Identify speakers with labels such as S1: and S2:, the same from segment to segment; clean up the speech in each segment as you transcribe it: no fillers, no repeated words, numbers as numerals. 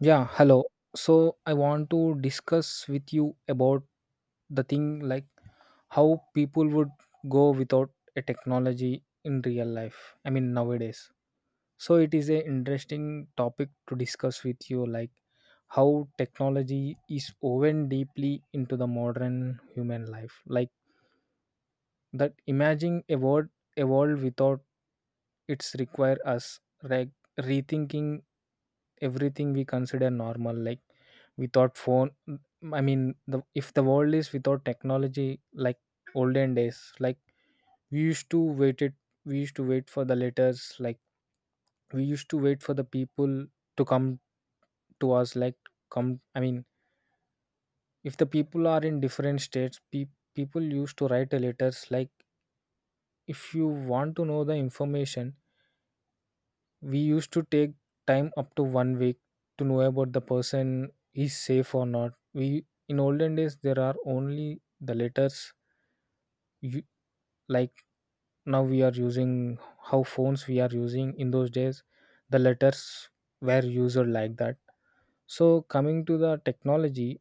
S1: Yeah, hello. So I want to discuss with you about the thing like how people would go without a technology in real life. I mean nowadays. So it is a interesting topic to discuss with you like how technology is woven deeply into the modern human life. Like that imaging a world without its require us like rethinking everything we consider normal like without phone. I mean, the if the world is without technology like olden days, like we used to wait it we used to wait for the letters, like we used to wait for the people to come to us, like come I mean, if the people are in different states, people used to write a letters. Like, if you want to know the information, we used to take time up to 1 week to know about the person is safe or not. We In olden days there are only the letters, you, like now we are using how phones. We are using in those days the letters, were used like that. So coming to the technology,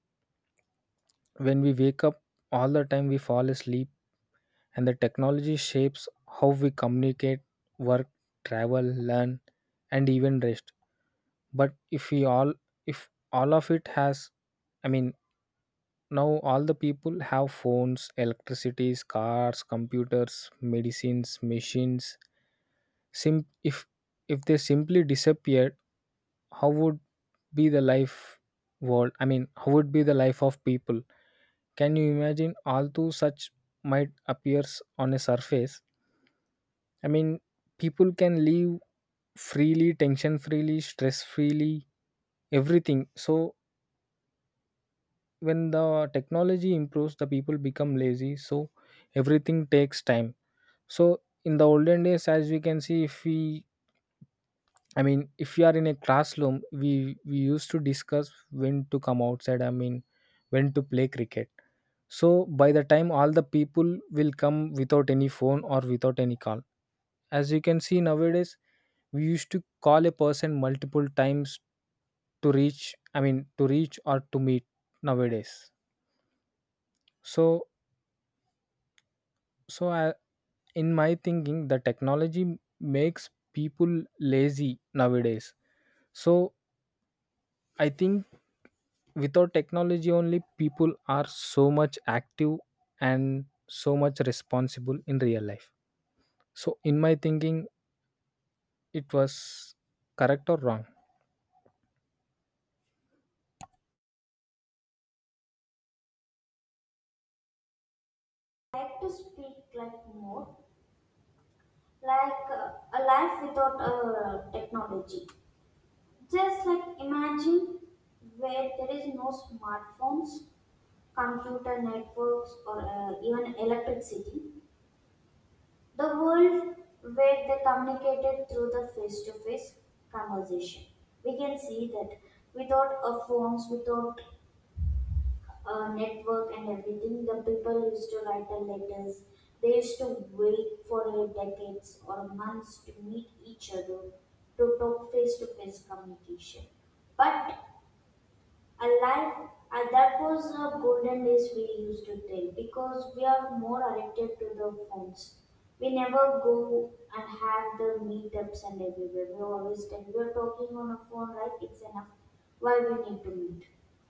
S1: when we wake up, all the time we fall asleep, and the technology shapes how we communicate, work, travel, learn, and even rest. But if all of it has, I mean, now all the people have phones, electricities, cars, computers, medicines, machines. Sim If they simply disappeared, how would be the life world I mean, how would be the life of people? Can you imagine all two such might appears on a surface? I mean, people can live freely, tension freely, stress freely, everything. So when the technology improves, the people become lazy, so everything takes time. So in the olden days, as we can see, if we I mean, if we are in a classroom, we used to discuss when to come outside, I mean, when to play cricket. So by the time, all the people will come without any phone or without any call. As you can see nowadays, we used to call a person multiple times to reach, I mean, to reach or to meet nowadays. so so I, in my thinking, the technology makes people lazy nowadays. So I think without technology only, people are so much active and so much responsible in real life. So in my thinking, it was correct or wrong?
S2: Like to speak like more, like a life without technology. Just like imagine where there is no smartphones, computer networks, or even electricity. The world where they communicated through the face to face conversation. We can see that without a phones, without network and everything, the people used to write the letters. They used to wait for decades or months to meet each other, to talk face to face communication. But and life, and that was the golden days we used to tell, because we are more addicted to the phones. We never go and have the meetups and everywhere. We always tell we are talking on a phone, right? It's enough. Why we need to meet?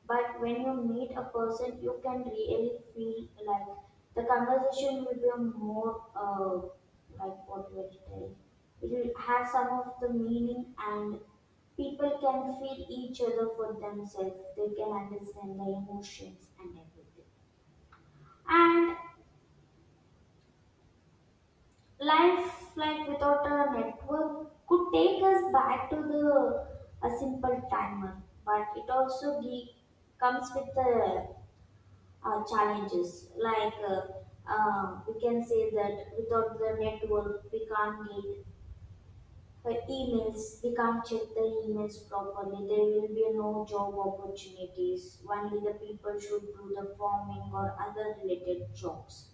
S2: But when you meet a person, you can really feel like the conversation will be more like what we are telling. It will have some of the meaning. And people can feel each other for themselves. They can understand their emotions and everything. And life, like without a network, could take us back to the a simple timer, but it also comes with the challenges. Like we can say that without the network, we can't get. But emails, we can't check the emails properly. There will be no job opportunities. Only the people should do the farming or other related jobs.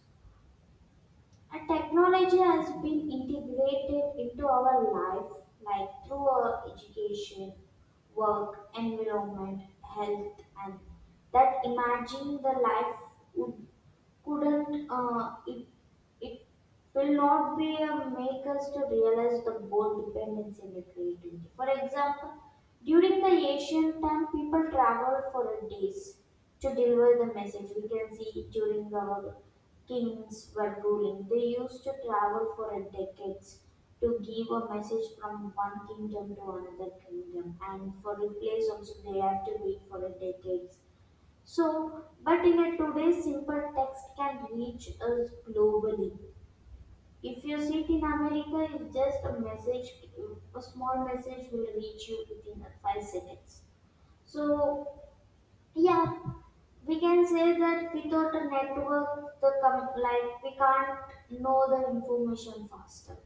S2: And technology has been integrated into our life, like through our education, work, environment, health, and that imagine the life would, couldn't it it will not be a make us to realize the both dependence and the creativity. For example, during the ancient time, people traveled for days to deliver the message. We can see during our kings were ruling, they used to travel for decades to give a message from one kingdom to another kingdom, and for replies also they have to wait for decades. So, but in a today's simple text can reach us globally. If you sit in America, it's just a message, a small message will reach you within the 5 seconds. So, yeah, we can say that without a network, the like we can't know the information faster.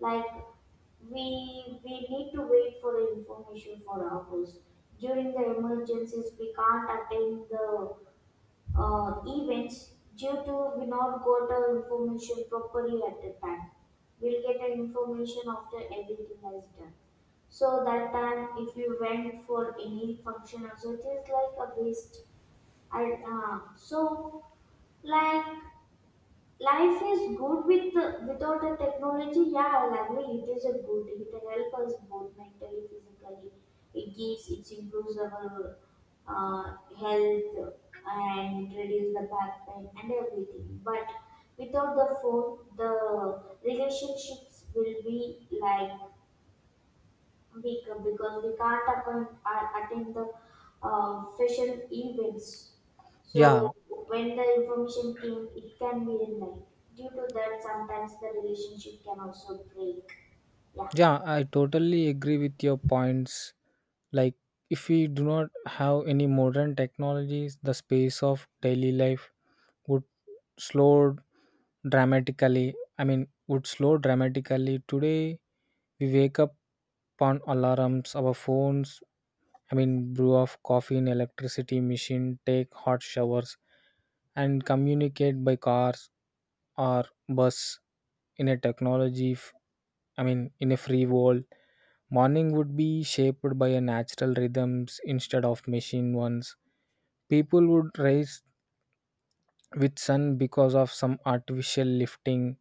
S2: Like we need to wait for the information for hours. During the emergencies, we can't attain the events due to we not got the information properly at the time. We'll get the information after everything has done. So that time, if you went for any function, also it is like a waste. I so like life is good with the, without the technology. Yeah, I'll agree it is a good, it will help us both mentally, physically. It gives, it improves our health and reduce the back pain and everything. But without the phone, the relationships will be like weaker, because we can't attend the official events.
S1: Yeah,
S2: So when the information came, it can be denied. Due to that, sometimes the relationship can also break. Yeah,
S1: yeah, I totally agree with your points. Like, if we do not have any modern technologies, the space of daily life would slow dramatically. I mean, would slow dramatically. Today, we wake up on alarms, our phones, I mean, brew of coffee in electricity machine, take hot showers, and communicate by cars or bus. In a technology, I mean, in a free world, morning would be shaped by a natural rhythms instead of machine ones. People would rise with sun because of some artificial lifting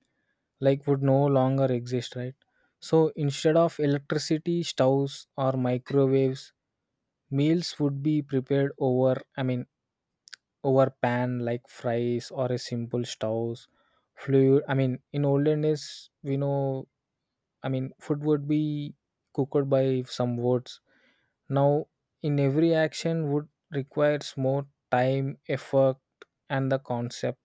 S1: like would no longer exist, right? So instead of electricity stoves or microwaves, meals would be prepared over, I mean, over pan, like fries or a simple stoves. Fluid I mean, in olden days, we know, I mean, food would be cooked by some wood. Now, in every action would requires more time, effort, and the concept.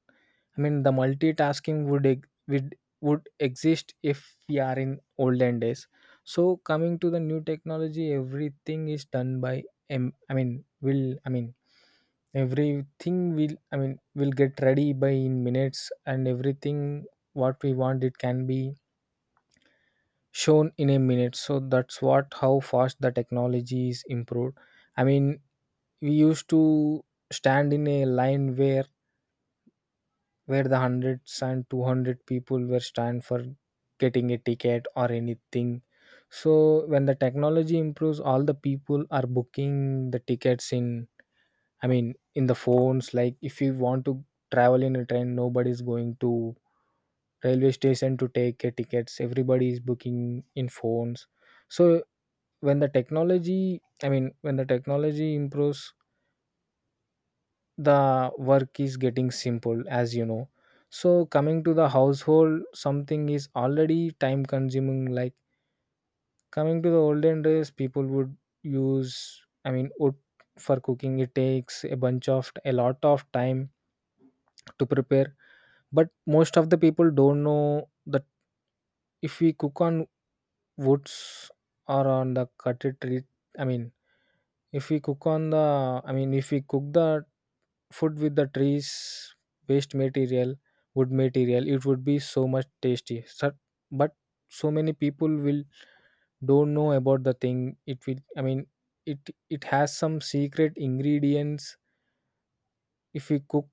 S1: I mean, the multitasking would exist if we are in olden days. So, coming to the new technology, everything is done by M. I mean, will I mean, everything will, I mean, will get ready by in minutes, and everything what we want it can be shown in a minute. So that's what how fast the technology is improved. I mean, we used to stand in a line where the hundreds and 200 people were stand for getting a ticket or anything. So when the technology improves, all the people are booking the tickets in, I mean, in the phones. Like if you want to travel in a train, nobody's going to railway station to take a tickets. Everybody is booking in phones. So when the technology, I mean, when the technology improves, the work is getting simple, as you know. So coming to the household, something is already time consuming, like coming to the olden days, people would use, I mean, wood for cooking. It takes a bunch of a lot of time to prepare, but most of the people don't know that if we cook on woods or on the cutted tree, I mean, if we cook on the, I mean, if we cook the food with the trees waste material, wood material, it would be so much tasty. So, but so many people will don't know about the thing. It will, I mean, it it has some secret ingredients. If we cook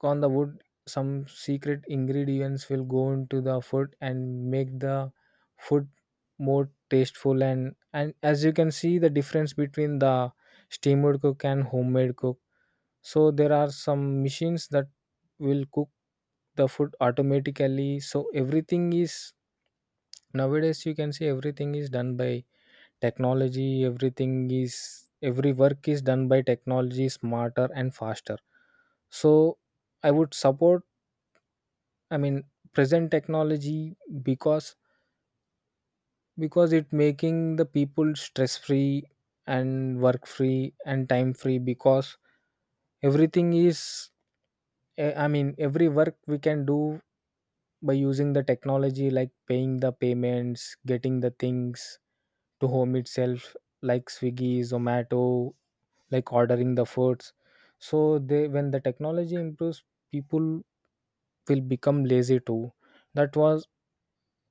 S1: on the wood, some secret ingredients will go into the food and make the food more tasteful, and as you can see the difference between the steamed cook and homemade cook. So there are some machines that will cook the food automatically. So everything is nowadays you can say everything is done by technology. Everything is every work is done by technology, smarter and faster. So I would support, I mean, present technology, because because it making the people stress free and work free and time free, because everything is, I mean, every work we can do by using the technology, like paying the payments, getting the things to home itself, like Swiggy, Zomato, like ordering the foods. So when the technology improves, people will become lazy too. That was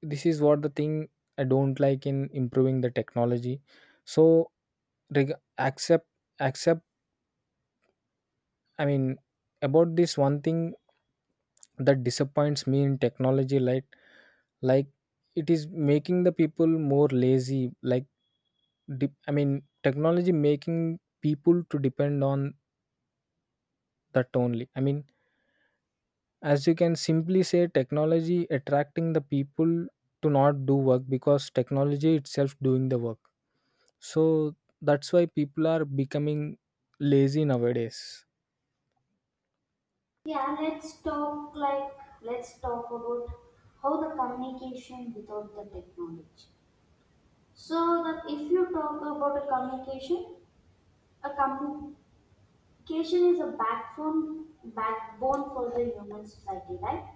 S1: This is what the thing I don't like in improving the technology. So reg- accept accept, I mean, about this one thing that disappoints me in technology, like, like it is making the people more lazy. Like, I mean, technology making people to depend on that only. I mean, as you can simply say, technology attracting the people to not do work because technology itself doing the work. So that's why people are becoming lazy nowadays.
S2: yeah. Let's talk like, let's talk about how the communication without the technology. So that if you talk about a communication, a education is a backbone, backbone for the human society, right?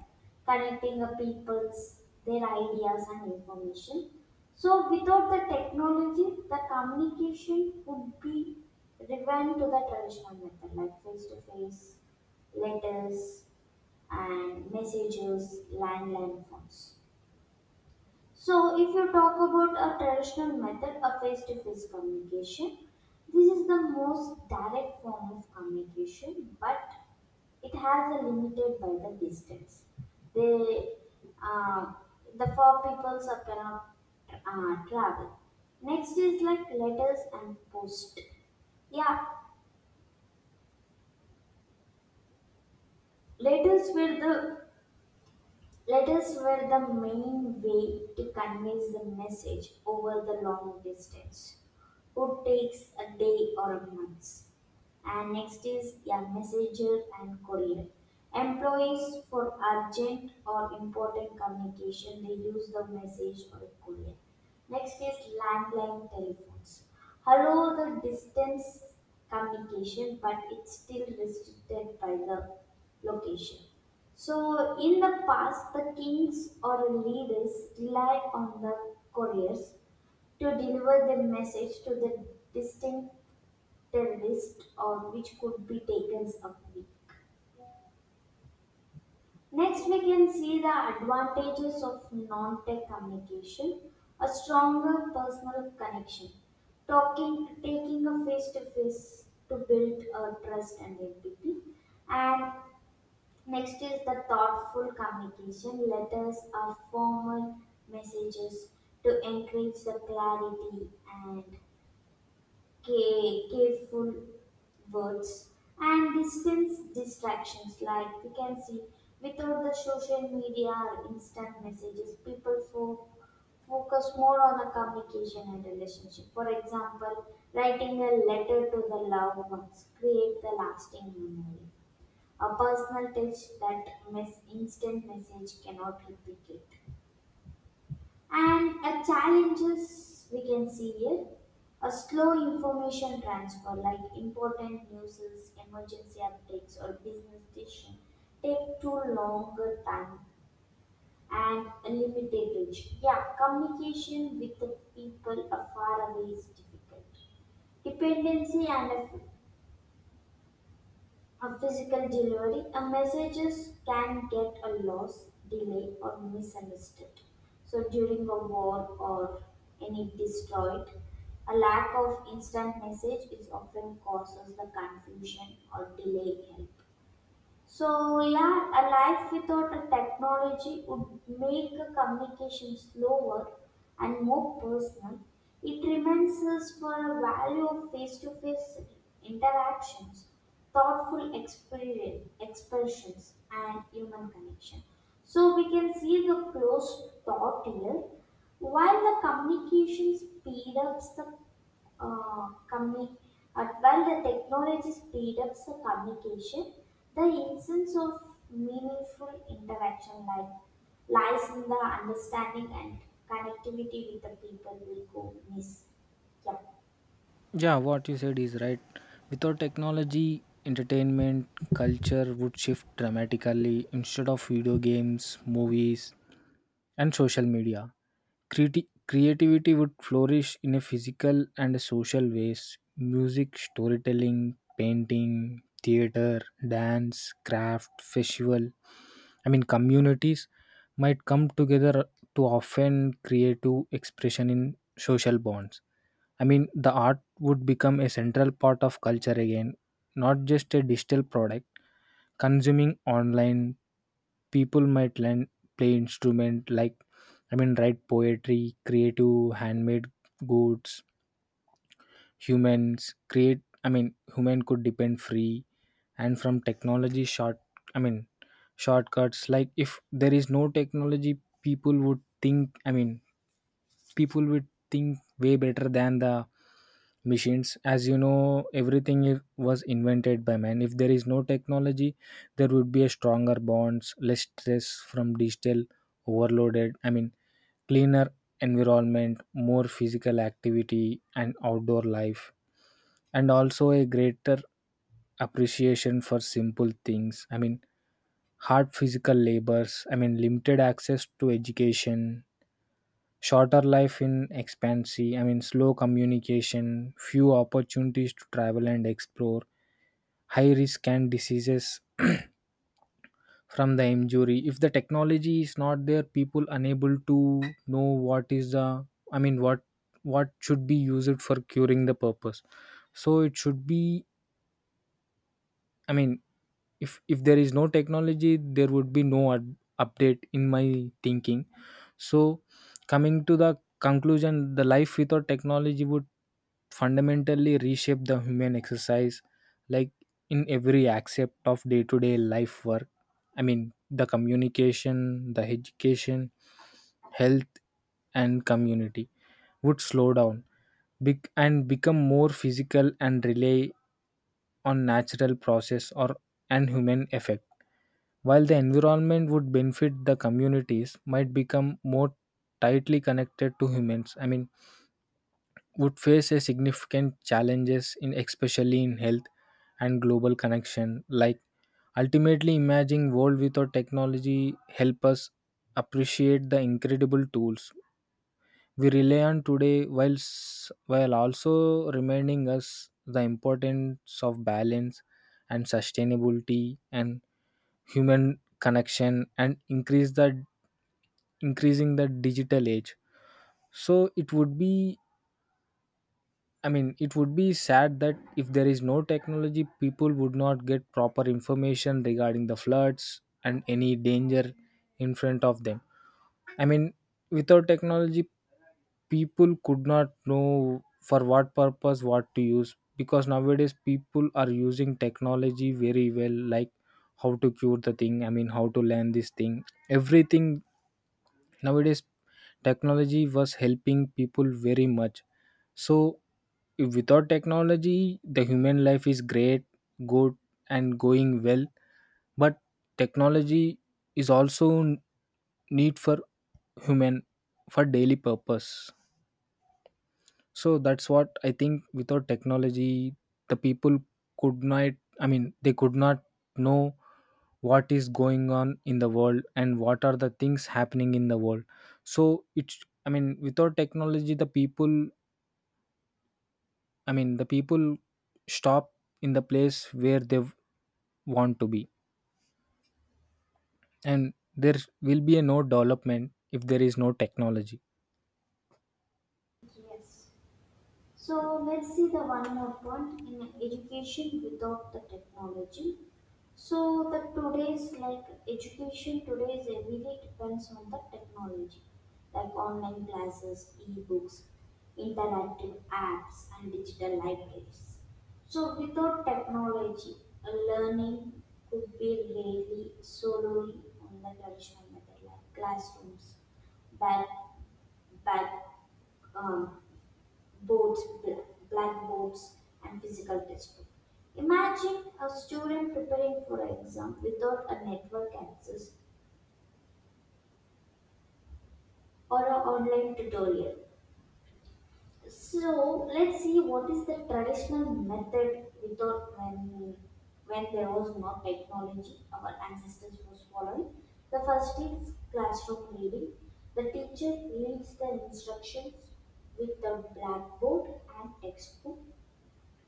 S2: Connecting a people's their ideas and information. So without the technology, the communication would be driven to the traditional method, like face to face, letters, and messages, landline phones. So if you talk about a traditional method of face to face communication, this is the most direct form of communication, but it has a limited by the distance. They, uh, the four people are cannot travel. Next is like letters and post. Yeah, letters were the letters were the main way to convey the message over the long distance. It takes a day or a month. And next is a messenger and courier. Employees for urgent or important communication, they use the message or courier. Next is landline telephones. Hello, the distance communication, but it's still restricted by the location. So, in the past, the kings or leaders relied on the couriers to deliver their message to the distant terrorist, or which could be taken a week. Next, we can see the advantages of non-tech communication: a stronger personal connection, talking, taking a face-to-face to build a trust and empathy, and next is the thoughtful communication. Letters are formal messages to encourage the clarity and careful words and distance distractions. Like we can see, without the social media or instant messages, people focus more on the communication and relationship. For example, writing a letter to the loved ones create the lasting memory, a personal touch that mess instant message cannot replicate. And a challenges we can see here, a slow information transfer like important news, emergency updates or business decision take too longer time, and a limited reach. Yeah, communication with the people afar away is difficult. Dependency and a on physical delivery, a messages can get a loss, delay, or misunderstood. So during a war or any destroyed, a lack of instant message is often causes the confusion or delay in help. So, yeah, a life without a technology would make a communication slower and more personal. It reminds us for a value of face-to-face interactions, thoughtful experience, expressions, and human connection. So we can see the close thought here. While the communication speed ups the uh, commu- while the technology speed up the communication, the essence of meaningful interaction like lies in the understanding and connectivity with the people we go miss. Yeah.
S1: Yeah, what you said is right. Without technology, entertainment culture would shift dramatically. Instead of video games, movies, and social media, creativity would flourish in a physical and a social ways. Music, storytelling, painting, theater, dance, craft, festival. I mean, communities might come together to often creative expression in social bonds. I mean, the art would become a central part of culture again, not just a digital product. Consuming online, people might learn play instrument, like, I mean, write poetry, creative handmade goods. I mean, human could depend free and from technology short. I mean, shortcuts, like if there is no technology, people would think, I mean, people would think way better than the machines, as you know everything was invented by man. If there is no technology, there would be a stronger bonds, less stress from digital overloaded, I mean, cleaner environment, more physical activity and outdoor life, and also a greater appreciation for simple things. I mean, hard physical labors, I mean, limited access to education, shorter life in expansion, I mean, slow communication, few opportunities to travel and explore, high risk and diseases from the injury. If the technology is not there, people unable to know what is the, I mean, what should be used for curing the purpose. So it should be, I mean, if there is no technology, there would be no update, in my thinking. So coming to the conclusion, the life without technology would fundamentally reshape the human exercise. Like, in every aspect of day-to-day life, work, I mean, the communication, the education, health, and community would slow down, and become more physical and rely on natural process or an human effect. While the environment would benefit, the communities might become more tightly connected to humans. I mean, would face a significant challenges in, especially in health and global connection. Like, ultimately, imagining world without technology help us appreciate the incredible tools we rely on today, whilst while also reminding us the importance of balance and sustainability and human connection, and increase the increasing the digital age. So it would be, I mean, it would be sad that if there is no technology, people would not get proper information regarding the floods and any danger in front of them. I mean, without technology, people could not know for what purpose what to use, because nowadays people are using technology very well, like how to cure the thing, I mean, how to learn this thing. Everything nowadays, technology was helping people very much. So, if without technology, the human life is great, good, and going well, but technology is also need for human for daily purpose. So that's what I think. Without technology, the people could not, I mean they could not know what is going on in the world and what are the things happening in the world. So it's, I mean, without technology the people, I mean the people stop in the place where they want to be, and there will be a no development if there is no technology.
S2: Yes. So let's see the one more point in education without the technology. So the today's, like education, today's everyday depends on the technology, like online classes, e-books, interactive apps, and digital libraries. So without technology, learning could be really solely on the traditional method like classrooms, back back um, boards, blackboards, and physical textbook. Imagine a student preparing for an exam without a network access or an online tutorial. So let's see what is the traditional method we thought when there was no technology, our ancestors was following. The first is classroom reading. The teacher reads the instructions with the blackboard and textbook.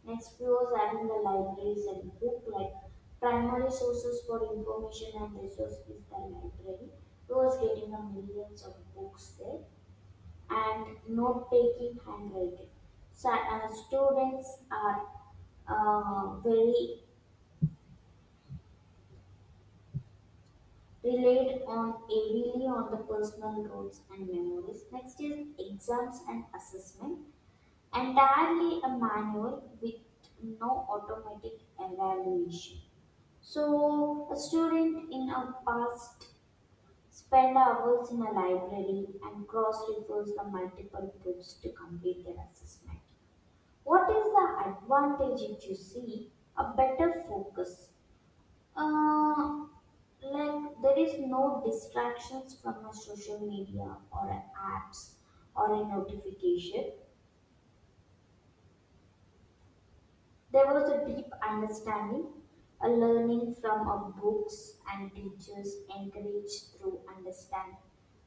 S2: Next, we was having the libraries and book, like primary sources for information and resource is the library. We was getting the millions of books there, and note taking handwriting. So, students are very relied on heavily on the personal goals and memories. Next is exams and assessment. Entirely a manual with no automatic evaluation. So, a student in our past spent hours in a library and cross-refers the multiple books to complete their assessment. What is the advantage if you see a better focus? Uh, like there is no distractions from a social media or a apps or a notification. There was a deep understanding, a learning from our books and teachers encouraged through understanding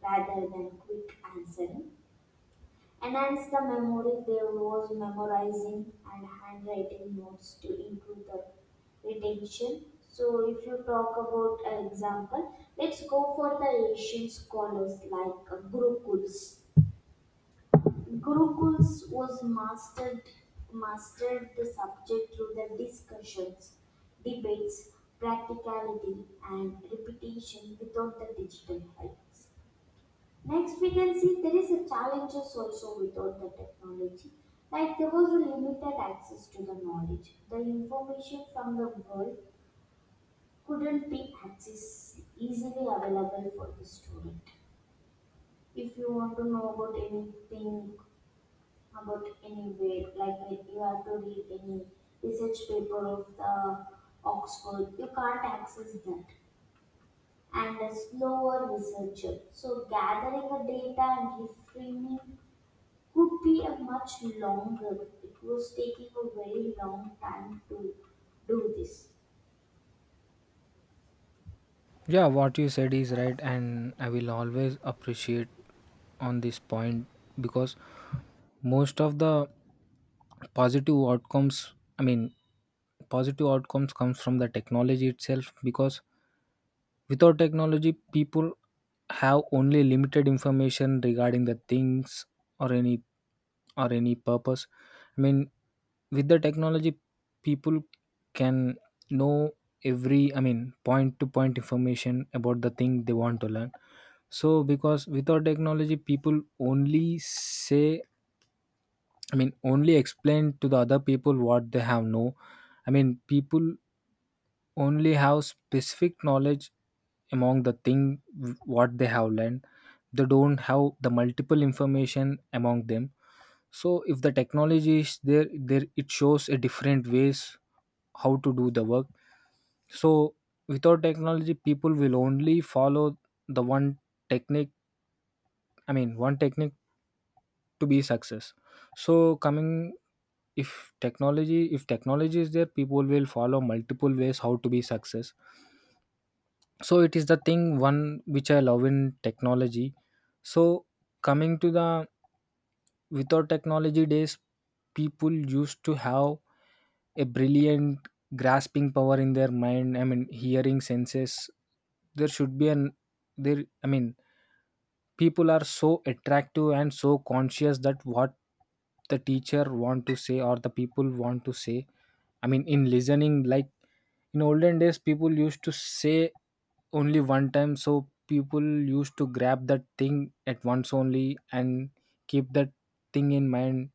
S2: rather than quick answering. Enhance the memory, there was memorizing and handwriting notes to improve the retention. So, if you talk about an example, let's go for the Asian scholars like Gurukuls. Gurukuls was mastered mastered the subject through the discussions, debates, practicality, and repetition without the digital helps. Next, we can see there is a challenges also without the technology. Like there was a limited access to the knowledge. The information from the world couldn't be access easily available for the student. If you want to know about anything about anywhere. Like when you have to read any research paper of the Oxford, you can't access that. And a slower researcher. So gathering the data and reframing could be a much longer. It was taking a very long time to do this.
S1: Yeah, what you said is right, and I will always appreciate on this point because most of the positive outcomes, I mean, positive outcomes comes from the technology itself, because without technology people have only limited information regarding the things or any, or any purpose. I mean, with the technology, people can know every, I mean, point to point information about the thing they want to learn. So because without technology people only say, I mean, only explain to the other people what they have know. I mean, people only have specific knowledge among the thing what they have learned. They don't have the multiple information among them. So if the technology is there, it shows a different ways how to do the work. So without technology, people will only follow the one technique. I mean, one technique to be success. So coming, if technology is there, people will follow multiple ways how to be success. So it is the thing one which I love in technology. So coming to the without technology days, people used to have a brilliant grasping power in their mind, I mean hearing senses. There should be an, there, I mean, people are so attractive and so conscious that what the teacher want to say or the people want to say, I mean in listening, like in olden days people used to say only one time. So people used to grab that thing at once only and keep that thing in mind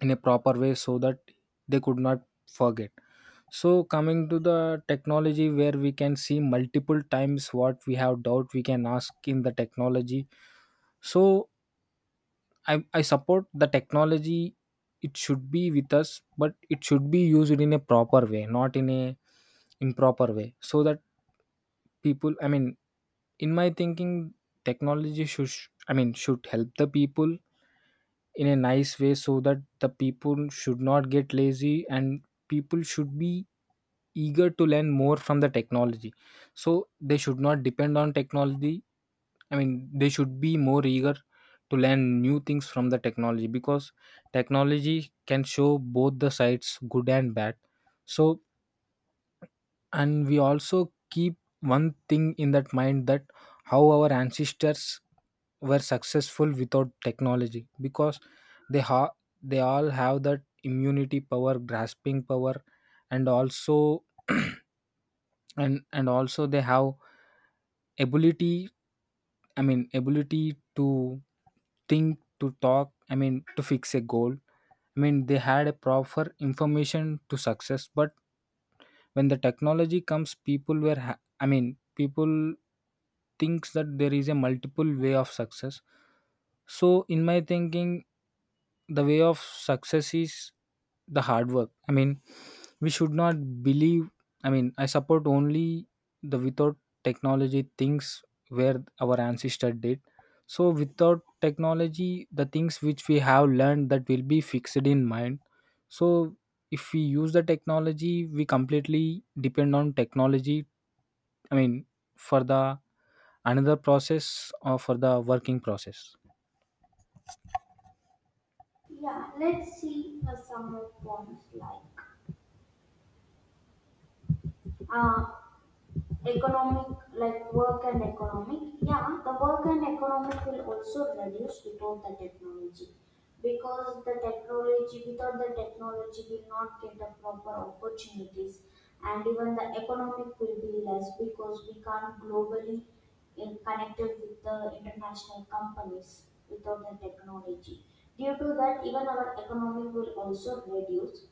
S1: in a proper way, so that they could not forget. So coming to the technology, where we can see multiple times what we have doubt, we can ask in the technology. So I support the technology. It should be with us, but it should be used in a proper way, not in a improper way, so that people, I mean, in my thinking, technology should, I mean, should help the people in a nice way, so that the people should not get lazy and people should be eager to learn more from the technology. So they should not depend on technology. I mean, they should be more eager to learn new things from the technology, because technology can show both the sides, good and bad. So, and we also keep one thing in that mind, that how our ancestors were successful without technology, because they ha- they all have that immunity power, grasping power, and also and also they have ability, I mean ability to think, to talk, I mean to fix a goal. I mean they had a proper information to success. But when the technology comes, people were I mean, people thinks that there is a multiple way of success. So, in my thinking, the way of success is the hard work. I mean, we should not believe. I mean, I support only the without technology things where our ancestor did. So, without technology, the things which we have learned that will be fixed in mind. So, if we use the technology, we completely depend on technology. I mean, for the another process or for the working process.
S2: Yeah, let's see some more points like uh, economic, like work and economic. Yeah, the work and economic will also reduce without the technology because the technology, without the technology, will not get the proper opportunities, and even the economic will be less because we can't globally in connected with the international companies without the technology. Due to that, even our economic will also reduce.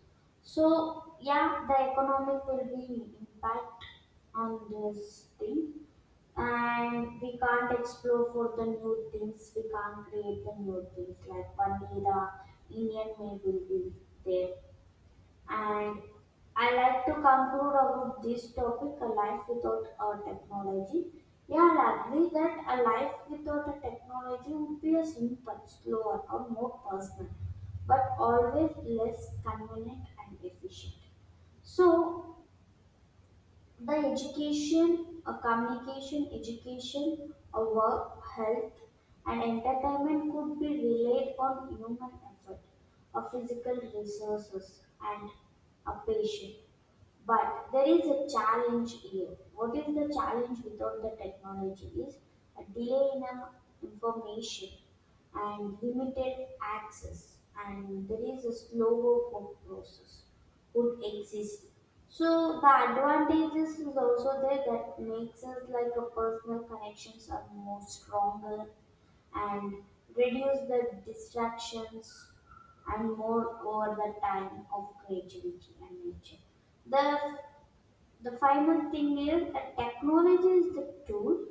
S2: So yeah, the economic will be impact on this thing, and we can't explore for the new things. We can't create the new things. Like one day the Indian mail will be there. And I like to conclude about this topic a life without a technology. Yeah, I agree that a life without a technology would be a simple, slower, or more personal, but always less convenient and efficient. So, the education, a communication, education, a work, health, and entertainment could be relied on human effort, a physical resources, and a patient. But there is a challenge here. What is the challenge without the technology is a delay in information and limited access, and there is a slower work process would exist. So the advantages is also there that makes us like a personal connections are more stronger and reduce the distractions and more over the time of creativity and nature. The, the final thing is that technology is the tool,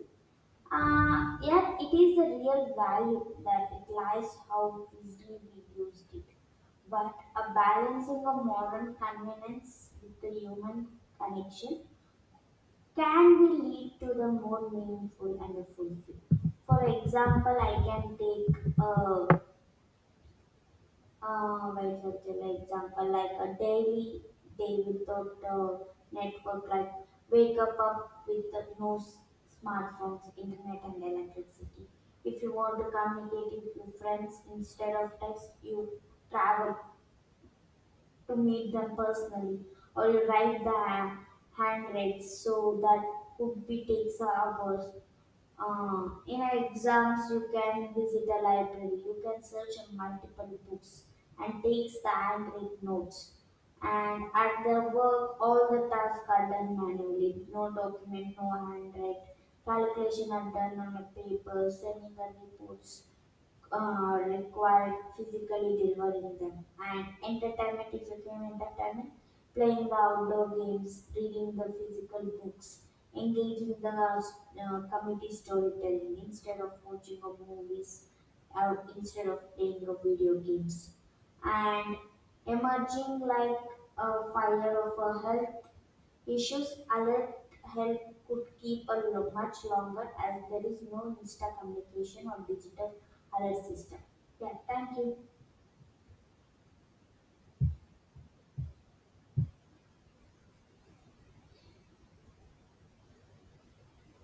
S2: yet it is the real value that it lies how easily we used it. But a balancing of modern convenience with the human connection can be lead to the more meaningful and fulfilling. For example, I can take a very subtle example like a daily day without a network, like wake up with the no smartphones, internet, and electricity. If you want to communicate with your friends instead of text, you travel to meet them personally or you write the handwrites, so that could be takes hours. In exams you can visit a library, you can search on multiple books and takes the handwritten notes. And at the work all the tasks are done manually, no document, no handwrite, calculation are done on a paper, sending the reports required physically delivering them. And entertainment is a again entertainment, playing the outdoor games, reading the physical books, engaging the community storytelling instead of watching of movies or instead of playing of video games. And emerging like a fire of a health issues alert help could keep a much longer as there is no instant communication or digital alert system. Yeah, thank you.